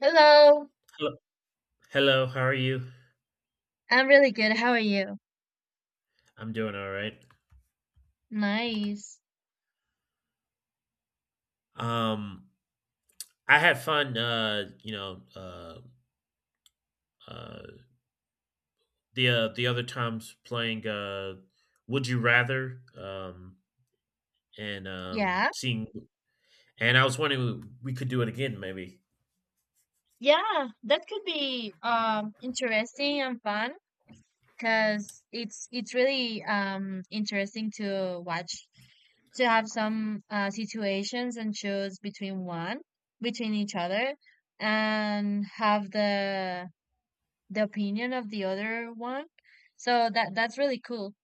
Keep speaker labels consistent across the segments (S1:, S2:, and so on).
S1: Hello,
S2: Hello, hello, how are you?
S1: I'm really good. How are you?
S2: I'm doing all right.
S1: Nice.
S2: Um, I had fun. Uh, the other times playing. Would you rather? And
S1: Yeah,
S2: seeing. And I was wondering we could do it again. Maybe
S1: yeah, that could be interesting and fun because it's really interesting to watch, to have some situations and choose between one, between each other, and have the opinion of the other one. So that's really cool.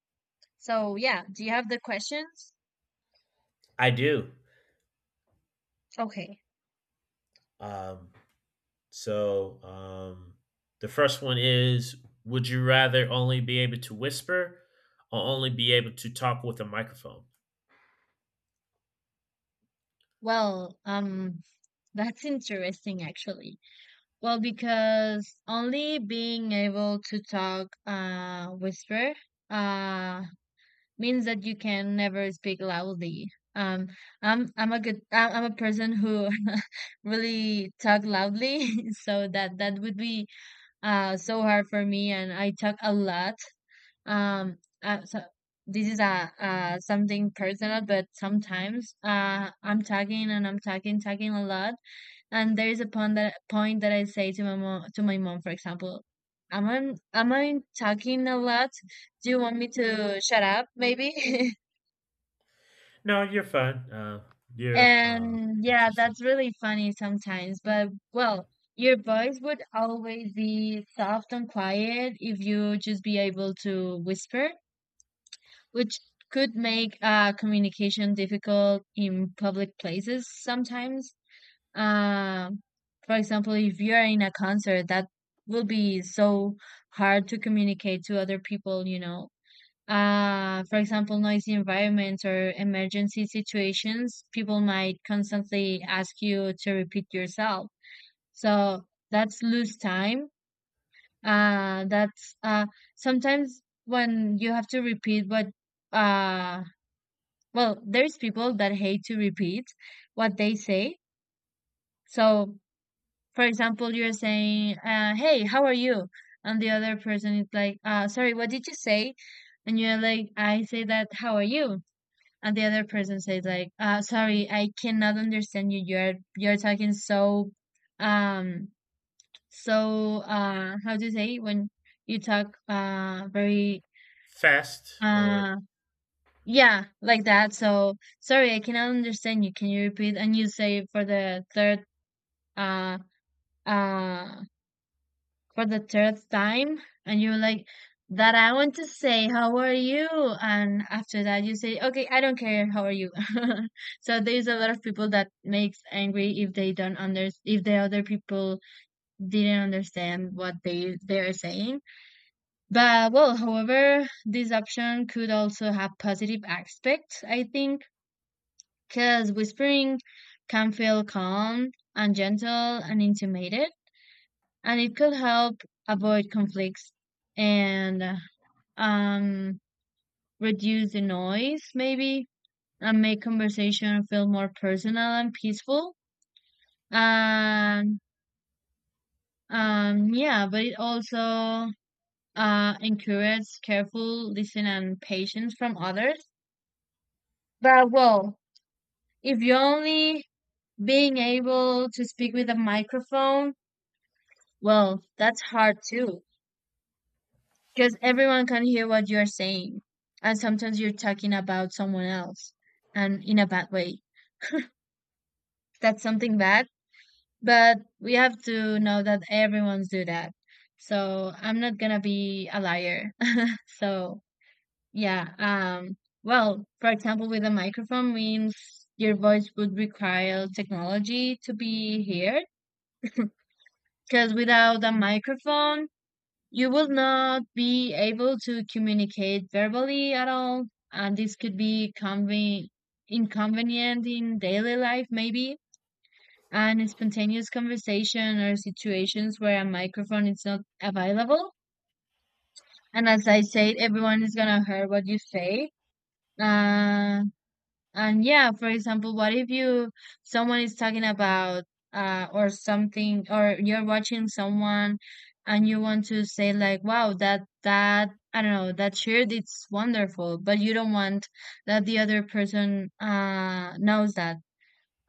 S1: So yeah, do you have the questions?
S2: I do.
S1: Okay.
S2: Um, So um, the first one is, would you rather only be able to whisper or only be able to talk with a microphone?
S1: Well, that's interesting, actually. Well, because only being able to talk whisper uh, means that you can never speak loudly. Um, I'm a person who really talk loudly, so that would be so hard for me, and I talk a lot. Um, so this is a something personal, but sometimes I'm talking and I'm talking a lot, and there is a point that I say to my mom, for example, am I talking a lot? Do you want me to shut up, maybe?
S2: No, you're fine. You're
S1: And yeah,
S2: interesting.
S1: that's really funny sometimes. But well, your voice would always be soft and quiet if you just be able to whisper, which could make communication difficult in public places sometimes. Um, for example, if you're in a concert, that will be so hard to communicate to other people, you know. For example, noisy environments or emergency situations, people might constantly ask you to repeat yourself. So that's lose time. That's sometimes when you have to repeat what, uh, well, there's people that hate to repeat what they say. So for example, you're saying, "Hey, how are you?" And the other person is like, "Sorry, what did you say?" And you're like, "I say that, how are you?" And the other person says like, "Sorry, I cannot understand you. You're talking so, um, so how do you say when you talk very
S2: Fast or
S1: uh yeah, like that? So sorry, I cannot understand you. Can you repeat?" And you say for the uh uh third time, and you're like that I want to say how are you, and after that you say okay, I don't care how are you. So there's a lot of people that makes angry if the other people didn't understand what they're saying. But well, however, this option could also have positive aspects, I think, because whispering can feel calm and gentle and intimated, and it could help avoid conflicts and um, reduce the noise, maybe, and make conversation feel more personal and peaceful. And yeah, but it also encourages careful listening and patience from others. But well, if you're only being able to speak with a microphone, well, that's hard too, because everyone can hear what you're saying. And sometimes you're talking about someone else, and in a bad way. That's something bad, but we have to know that everyone's do that. So I'm not gonna be a liar. So yeah, um well, for example, with a microphone means your voice would require technology to be heard, because without a microphone, you will not be able to communicate verbally at all, and this could be inconvenient in daily life, maybe. And spontaneous conversation or situations where a microphone is not available. And as I said, everyone is gonna hear what you say. Uh, and yeah, for example, what if you someone is talking about or something, or you're watching someone and you want to say like, wow, that I don't know, that shirt it's wonderful, but you don't want that the other person knows that.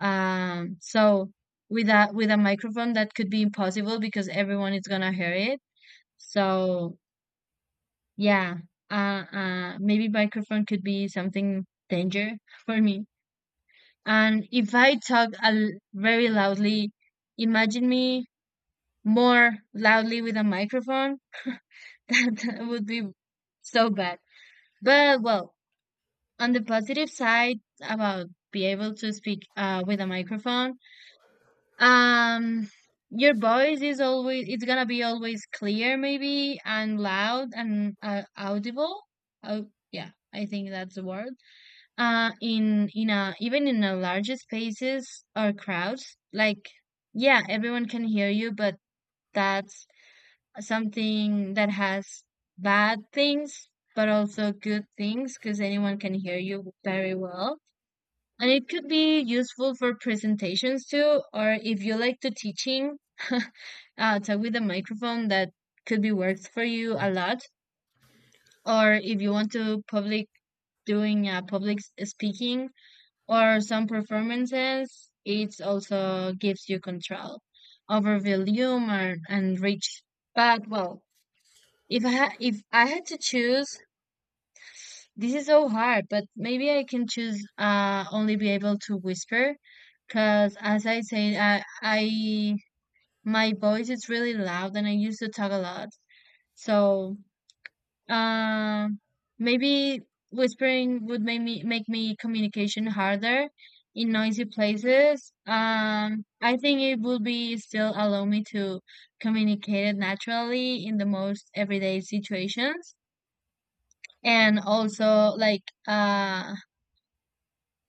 S1: So with a microphone that could be impossible because everyone is gonna hear it. So yeah, uh maybe microphone could be something danger for me. And if I talk a very loudly, imagine me more loudly with a microphone. That would be so bad. But well, on the positive side about be able to speak with a microphone, um, your voice is always it's gonna be always clear, maybe, and loud and audible. Oh, yeah, I think that's the word. In a even in a larger spaces or crowds, like yeah, everyone can hear you, but that's something that has bad things, but also good things, because anyone can hear you very well, and it could be useful for presentations too, or if you like to teaching, talk with a microphone that could be works for you a lot, or if you want to public doing public speaking or some performances, it also gives you control over volume and reach. But well, if I if I had to choose, this is so hard. But maybe I can choose only be able to whisper, because as I said, I my voice is really loud and I used to talk a lot. So Um, maybe whispering would make me communication harder in noisy places. I think it would be still allow me to communicate it naturally in the most everyday situations. And also like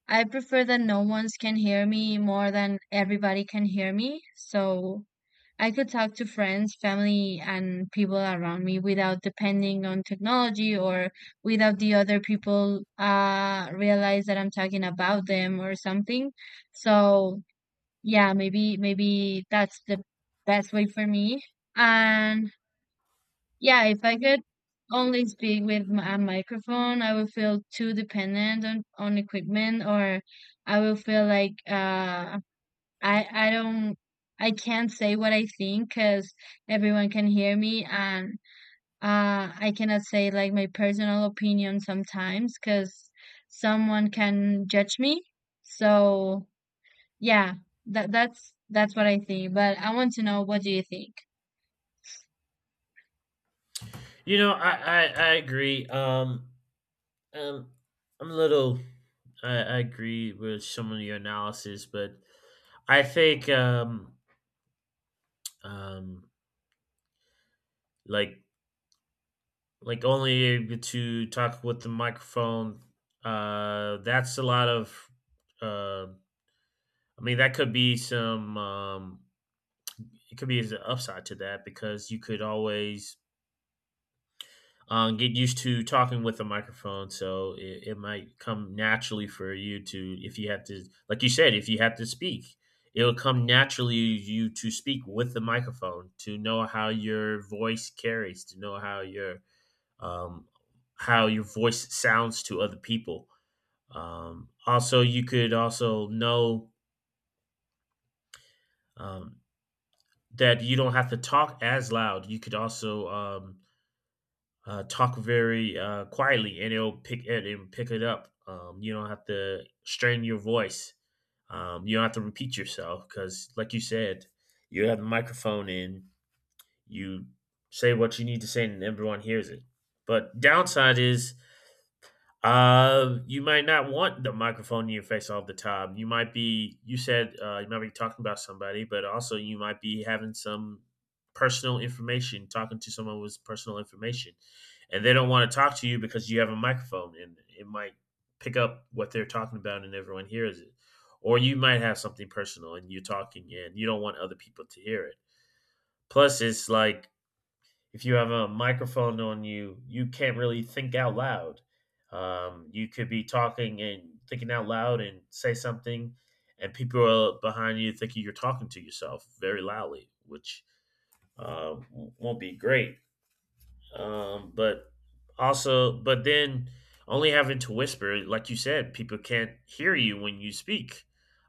S1: I prefer that no one's can hear me more than everybody can hear me. So I could talk to friends, family, and people around me without depending on technology, or without the other people realize that I'm talking about them or something. So yeah, maybe that's the best way for me. And yeah, if I could only speak with a microphone, I would feel too dependent on equipment, or I will feel like I don't, I can't say what I think because everyone can hear me, and I cannot say like my personal opinion sometimes because someone can judge me. So yeah, that's what I think. But I want to know, what do you think?
S2: I agree. Um, I'm a little. I agree with some of your analysis, but I think um, like like only able to talk with the microphone. That's a lot of. Uh, I mean, that could be some. It could be an upside to that because you could always get used to talking with a microphone. So it might come naturally for you to, if you have to, like you said, if you have to speak, it'll come naturally you to speak with the microphone, to know how your voice carries, to know um, how your voice sounds to other people. Also, you could also know um, that you don't have to talk as loud. You could also talk very quietly, and it'll pick it up. You don't have to strain your voice. You don't have to repeat yourself because, like you said, you have the microphone in. You say what you need to say, and everyone hears it. But downside is, you might not want the microphone in your face all the time. You might be, you said, you might be talking about somebody, but also you might be having some personal information, talking to someone with personal information, and they don't want to talk to you because you have a microphone, and it might pick up what they're talking about, and everyone hears it. Or you might have something personal, and you're talking, and you don't want other people to hear it. Plus, it's like if you have a microphone on you, you can't really think out loud. You could be talking and thinking out loud and say something, and people are behind you thinking you're talking to yourself very loudly, which uh, won't be great. But also, but then only having to whisper, like you said, people can't hear you when you speak.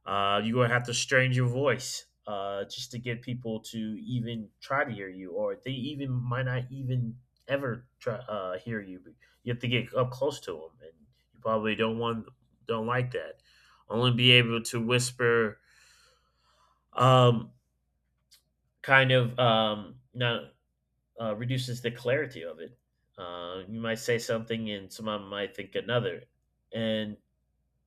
S2: You're gonna have to strain your voice just to get people to even try to hear you, or they even might not even ever try hear you. You have to get up close to them, and you probably don't want, don't like that. Only be able to whisper, um, kind of not reduces the clarity of it. You might say something, and someone might think another, and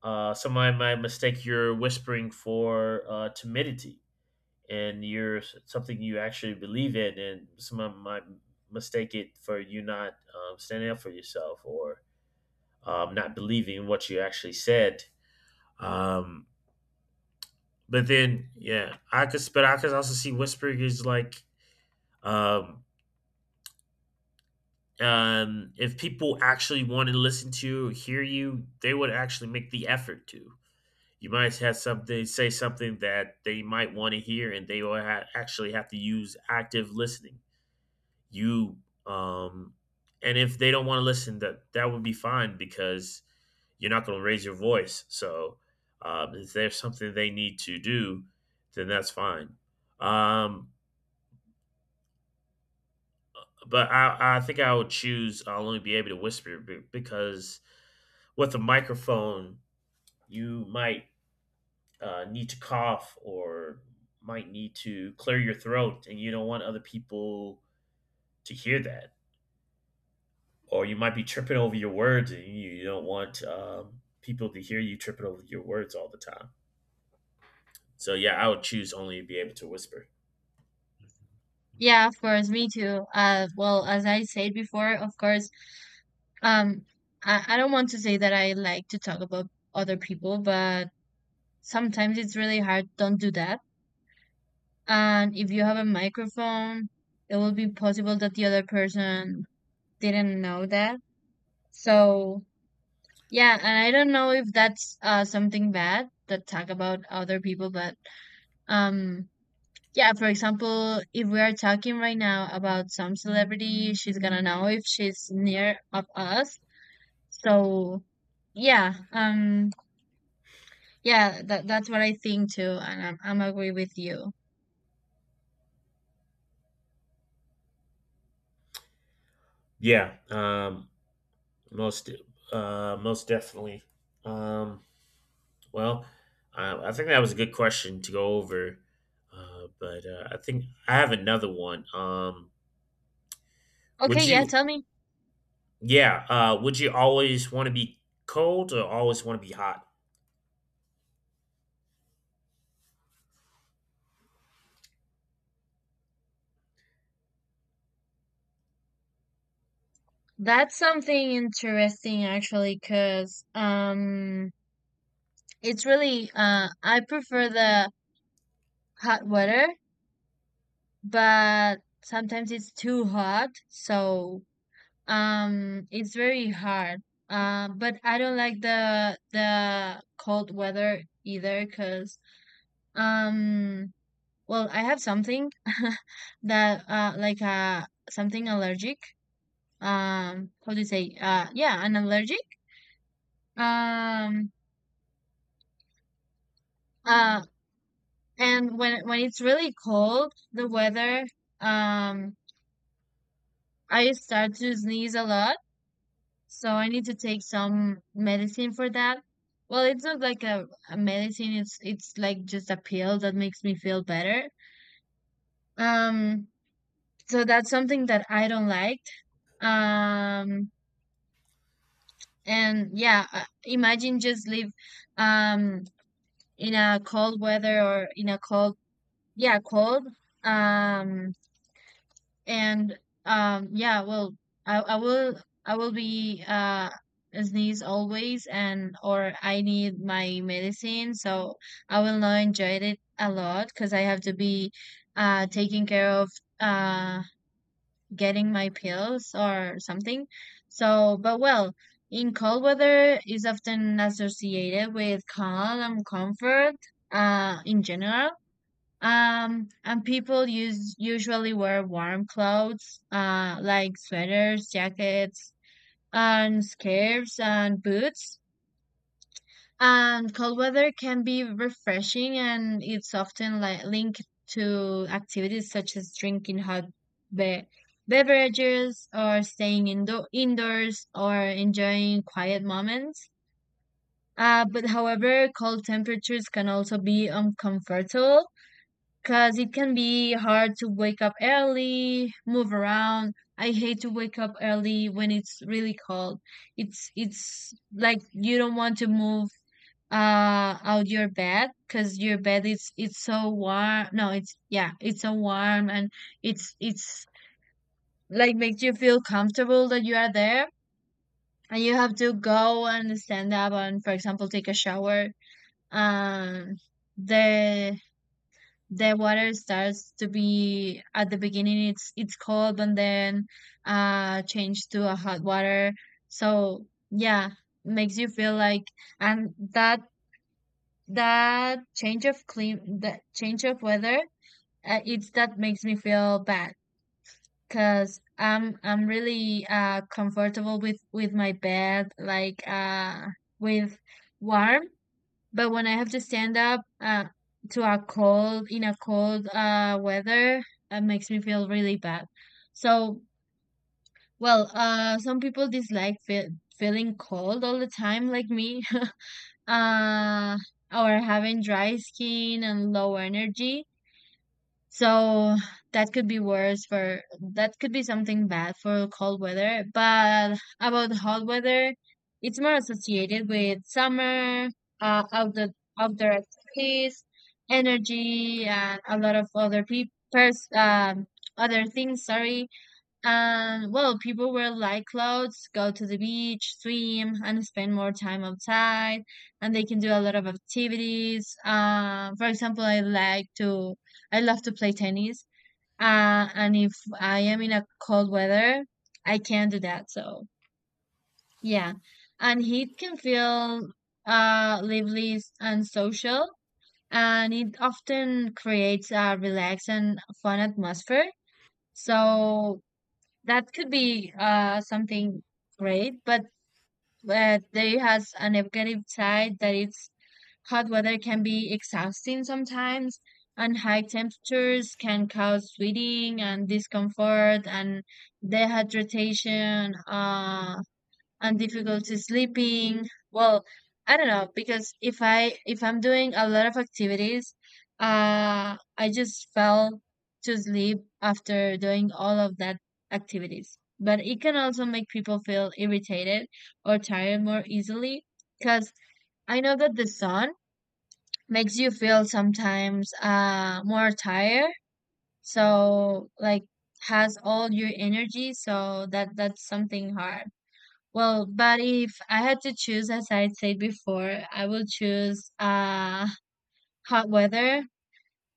S2: someone might mistake your whispering for timidity, and you're something you actually believe in, and someone might mistake it for you not standing up for yourself or not believing in what you actually said. Um, but then, yeah, I could, but I could also see whispering is like um, if people actually want to listen to you or hear you, they would actually make the effort to. You might have something, say something that they might want to hear, and they will actually have to use active listening. You um, and if they don't want to listen, that that would be fine because you're not going to raise your voice. So if there's something they need to do, then that's fine. Um, but I think I would choose. I'll only be able to whisper because with a microphone, you might need to cough or might need to clear your throat, and you don't want other people to hear that. Or you might be tripping over your words, and you don't want people to hear you tripping over your words all the time. So yeah, I would choose only to be able to whisper.
S1: Yeah, of course, me too. Well, as I said before, of course, um, I don't want to say that I like to talk about other people, but sometimes it's really hard. Don't do that. And if you have a microphone, it will be possible that the other person didn't know that. So, yeah, and I don't know if that's something bad that talk about other people, but um, yeah, for example, if we are talking right now about some celebrity, she's gonna know if she's near of us. So, yeah, um, yeah, that's what I think too, and I'm agree with you.
S2: Yeah, most most definitely. Um, well, I think that was a good question to go over. But I think I have another one.
S1: Okay,
S2: Would
S1: yeah,
S2: you,
S1: tell me.
S2: yeah, would you always want to be cold or always want to be hot?
S1: That's something interesting, actually, 'cause it's really I prefer the hot weather, but sometimes it's too hot, so it's very hard. But I don't like the cold weather either, 'cause um well, I have something that like something allergic. Um, how do you say? Yeah, an allergic. Um uh And when it's really cold, the weather, um, I start to sneeze a lot, so I need to take some medicine for that. Well, it's not like a medicine, it's like just a pill that makes me feel better. Um, so that's something that I don't like. Um, and yeah, imagine just live um in a cold weather or in a cold, yeah, cold. Um, And yeah, well, I will be sneeze always, and or I need my medicine, so I will not enjoy it a lot because I have to be taking care of uh getting my pills or something. So but well, in cold weather is often associated with calm and comfort in general. And people use usually wear warm clothes, like sweaters, jackets, and scarves and boots. And cold weather can be refreshing, and it's often like linked to activities such as drinking hot be- beverages, or staying indoors, or enjoying quiet moments. But however, cold temperatures can also be uncomfortable because it can be hard to wake up early, move around. I hate to wake up early when it's really cold. It's like you don't want to move out your bed because your bed is it's so warm. No, it's yeah, it's so warm, and it's like makes you feel comfortable that you are there. And you have to go and stand up and, for example, take a shower. Um, the the water starts to be, at the beginning it's cold, and then change to a hot water, so yeah, makes you feel like, and that change of weather, it's that makes me feel bad because I'm really comfortable with my bed, like with warm. But when I have to stand up to a cold weather, it makes me feel really bad. So, some people dislike feeling cold all the time, like me, uh, or having dry skin and low energy. So that could be worse for that could be something bad for cold weather. But about hot weather, it's more associated with summer, uh, outdoor outdoor activities, energy, and a lot of other people, um, other things. Sorry, and well, people wear light clothes, go to the beach, swim, and spend more time outside. And they can do a lot of activities. For example, I love to play tennis. And if I am in a cold weather, I can not do that. So yeah, and heat can feel lively and social, and it often creates a relaxed and fun atmosphere. So that could be something great, but there has a negative side that it's hot weather can be exhausting sometimes, and high temperatures can cause sweating and discomfort and dehydration. And difficulty sleeping. Well, I don't know because if I'm doing a lot of activities, I just fell to sleep after doing all of that activities. But it can also make people feel irritated or tired more easily because I know that the sun makes you feel sometimes more tired. So like has all your energy so that's something hard well, but if I had to choose, as I said before, I will choose hot weather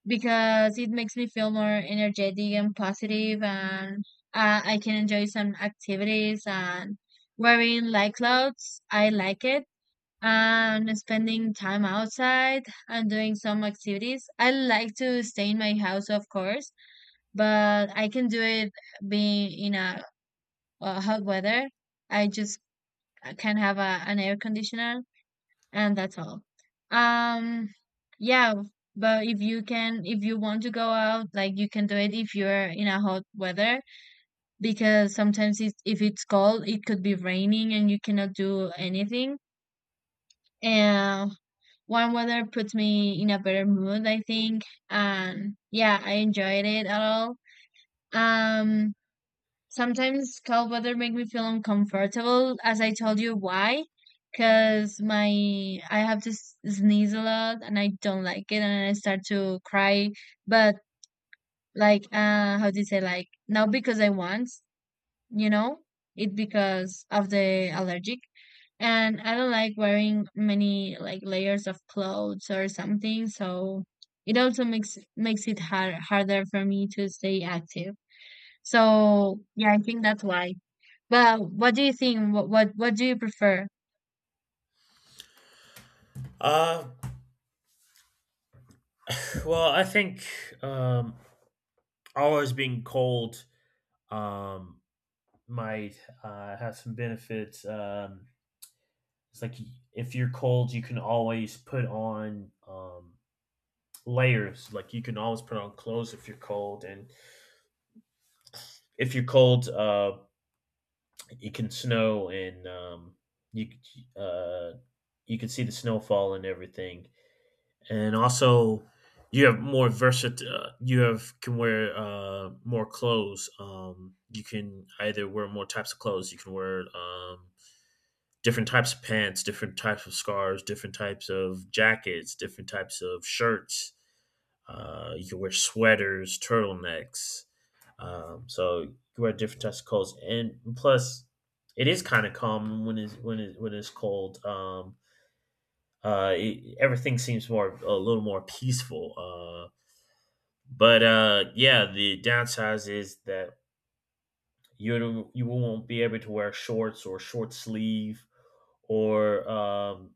S1: because it makes me feel more energetic and positive, and I can enjoy some activities. And wearing light clothes, I like it. And spending time outside and doing some activities. I like to stay in my house, of course, but I can do it being in a hot weather. I just can have an air conditioner and that's all. um yeah, but if you want to go out like you can do it if you're in a hot weather because sometimes it's, if it's cold it could be raining and you cannot do anything. And warm weather puts me in a better mood, I think. And yeah, I enjoyed it at all. um Sometimes cold weather make me feel uncomfortable, as I told you why, because my I have to sneeze a lot and I don't like it and I start to cry. But like, how do you say, like, not because I want, you know, it because of the allergic. And I don't like wearing many like layers of clothes or something, so it also makes it harder for me to stay active. So yeah, I think that's why. Well, what do you think? What do you prefer?
S2: Uh well, I think um always being cold um might have some benefits. Um, it's like if you're cold, you can always put on layers. Like you can always put on clothes if you're cold. And if you're cold, it can snow and you c- uh you can see the snowfall and everything. And also you have more versatile. You have can wear more clothes. You can either wear more types of clothes. You can wear different types of pants, different types of scarves, different types of jackets, different types of shirts. You can wear sweaters, turtlenecks. So you can wear different types of clothes, and plus, it is kind of calm when it's when it when it's cold. It, everything seems more, a little more peaceful. But yeah, the downsides is that you won't be able to wear shorts or short sleeve, or um,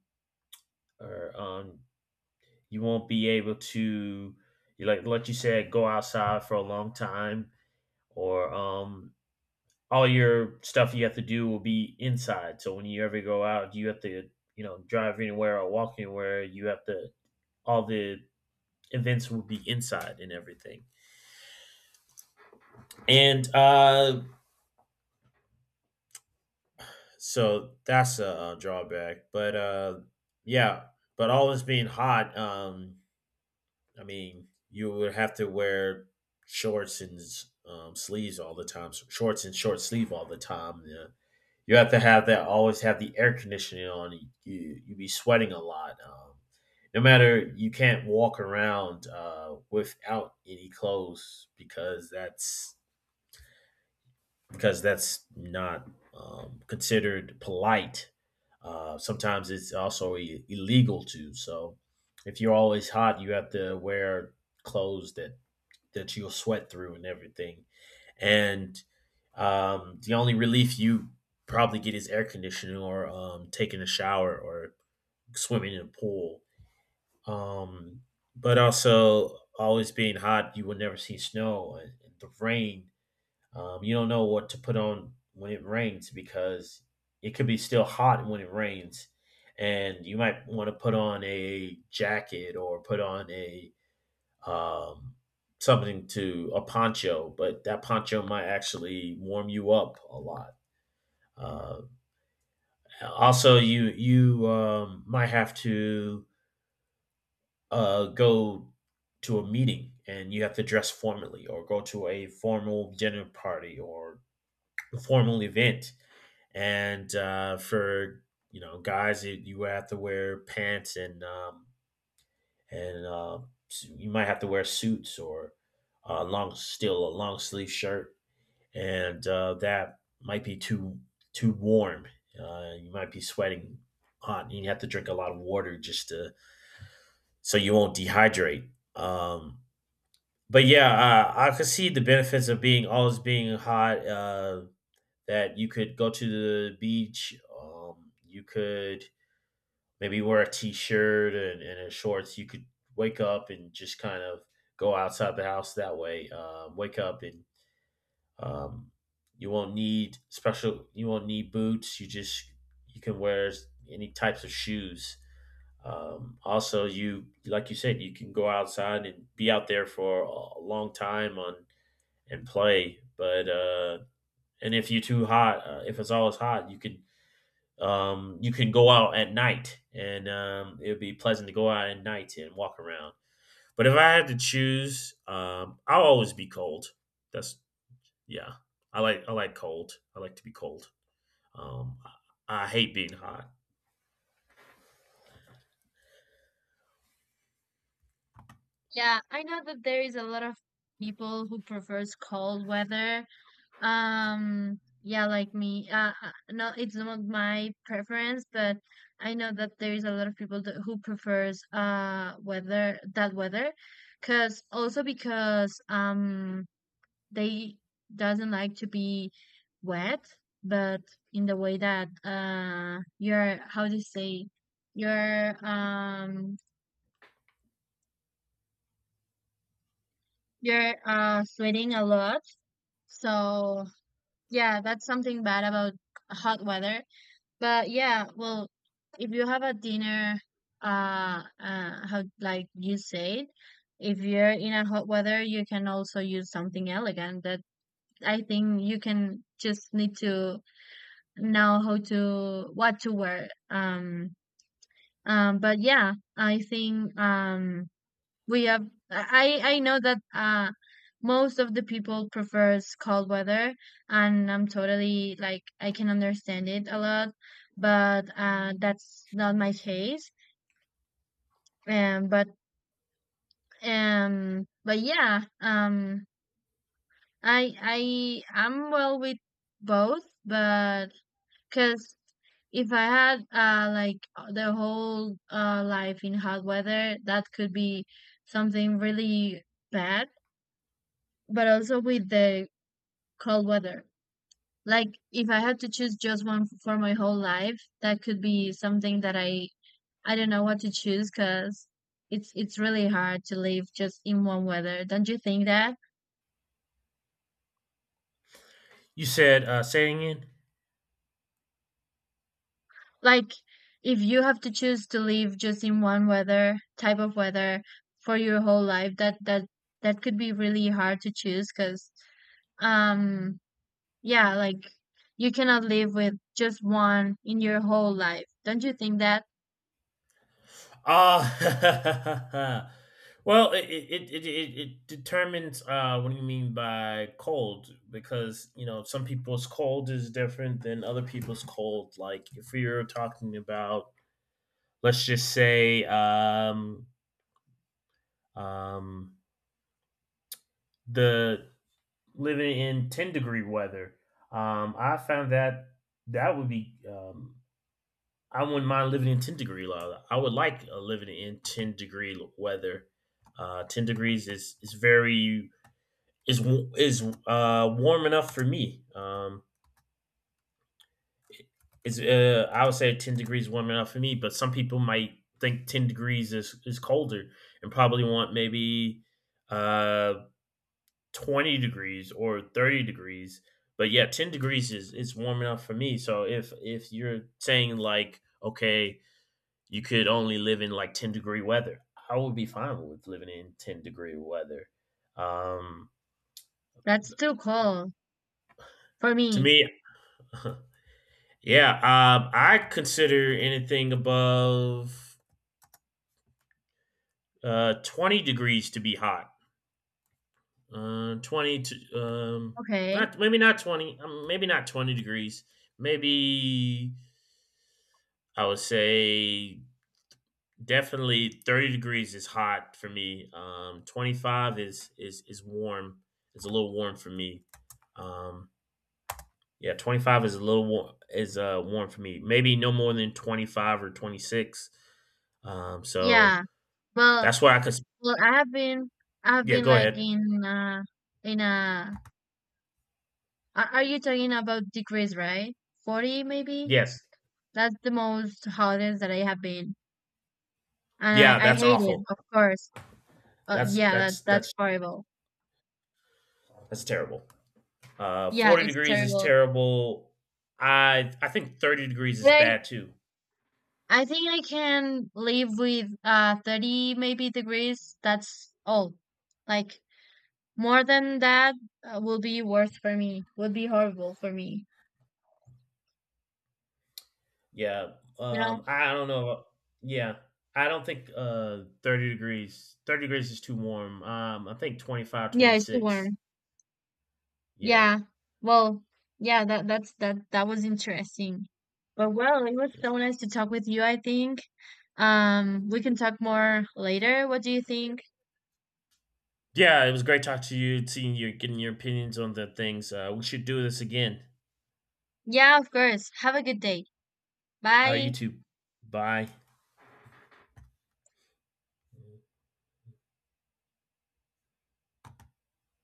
S2: or you won't be able to, you like you said, go outside for a long time, or all your stuff you have to do will be inside. So when you ever go out, you have to, you know, drive anywhere or walk anywhere. You have to, all the events will be inside and everything. And so that's a drawback, but yeah. But always being hot, I mean you would have to wear shorts and sleeves all the time, so shorts and short sleeve all the time, yeah. You have to have that, always have the air conditioning on you. You you be sweating a lot. No matter, you can't walk around without any clothes because that's not considered polite. Sometimes it's also illegal too. So if you're always hot, you have to wear clothes that that you'll sweat through and everything. And the only relief you probably get is air conditioning, or taking a shower, or swimming in a pool. Um, but also always being hot, you will never see snow and the rain. You don't know what to put on when it rains because it could be still hot when it rains, and you might want to put on a jacket or put on a, um, something to, a poncho, but that poncho might actually warm you up a lot. Uh, also, you might have to go to a meeting and you have to dress formally, or go to a formal dinner party or a formal event. And For you know, guys, you have to wear pants and and uh, you might have to wear suits or long still a long sleeve shirt, and that might be too warm. You might be sweating hot, and you have to drink a lot of water just to, so you won't dehydrate. Um, but yeah, I could see the benefits of being always being hot. That you could go to the beach. You could maybe wear a t-shirt and a shorts. You could wake up and just kind of go outside the house that way, wake up and um, you won't need special, you won't need boots, you just, you can wear any types of shoes. Also, you, like you said, you can go outside and be out there for a long time on and play, but and if you're too hot, if it's always hot, you can, you can go out at night and it would be pleasant to go out at night and walk around. But if I had to choose, I'll always be cold. That's, yeah. I like, I like cold. I like to be cold. Um, I hate being hot.
S1: Yeah, I know that there is a lot of people who prefers cold weather. Yeah, like me. No, it's not my preference, but I know that there is a lot of people that, who prefers weather that weather, cause also because they doesn't like to be wet, but in the way that your, how do you say, your you're sweating a lot. So yeah, that's something bad about hot weather. But yeah, well, if you have a dinner, how like you said, if you're in a hot weather, you can also use something elegant. That I think you can just need to know how to what to wear. But yeah, I think we have, I know that most of the people prefers cold weather and I'm totally like I can understand it a lot, but that's not my case. um but but yeah, I'm well with both, but because if I had like the whole life in hot weather that could be something really bad, but also with the cold weather. Like if I had to choose just one for my whole life, that could be something that I don't know what to choose because it's really hard to live just in one weather. Don't you think that?
S2: You said saying in.
S1: Like if you have to choose to live just in one weather, type of weather for your whole life, that could be really hard to choose because um yeah, like you cannot live with just one in your whole life. Don't you think that?
S2: Uh, well, it determines what do you mean by cold, because you know some people's cold is different than other people's cold. Like if you're talking about, let's just say, um, the living in 10-degree weather. I found that that would be, I wouldn't mind living in 10-degree weather. I would like living in 10-degree weather. Uh, 10 degrees is very is is warm enough for me. Is I would say 10 degrees is warm enough for me, but some people might think 10 degrees is colder and probably want maybe uh, 20 degrees or 30 degrees. But yeah, 10 degrees is warm enough for me. So if you're saying like, okay, you could only live in like 10-degree weather, I would be fine with living in 10-degree weather. um
S1: That's too cold for
S2: to
S1: me.
S2: me. Yeah. I consider anything above 20 degrees to be hot. uh 20 to um
S1: Okay.
S2: Not, maybe not 20, maybe not 20 degrees. Maybe I would say, definitely 30 degrees is hot for me. 25 is is warm. It's a little warm for me. Um, yeah, 25 is a little warm, is warm for me. Maybe no more than 25 or 26. So
S1: Yeah. Well,
S2: that's where I could,
S1: well, I have
S2: yeah,
S1: been
S2: go
S1: like
S2: ahead.
S1: in a. Are you talking about degrees, right? 40 maybe?
S2: Yes.
S1: That's the most hottest that I have been, and
S2: Yeah,
S1: I
S2: that's
S1: hate it,
S2: awful.
S1: of course.
S2: That's
S1: Yeah, that
S2: that's
S1: that's
S2: that's
S1: horrible.
S2: that's terrible. Uh,
S1: Yeah,
S2: 40
S1: it's
S2: degrees is
S1: terrible.
S2: terrible. I think 30 degrees
S1: But
S2: is bad too.
S1: I think I can live with 30 maybe degrees. That's all. Like more than that will be worse for me. Would be horrible for me.
S2: Yeah,
S1: You know.
S2: I don't know. Yeah, I don't think, 30 degrees is too warm. I think 25,
S1: Yeah,
S2: twenty
S1: it's too
S2: six.
S1: warm.
S2: Yeah.
S1: Yeah. Well, yeah, that that's that that was interesting. But well, it was so nice to talk with you, I think. We can talk more later. What do you think?
S2: Yeah, it was great talking to you, seeing you, getting your opinions on the things. We should do this again.
S1: Yeah, of course. Have a good day. Bye.
S2: You too. Bye.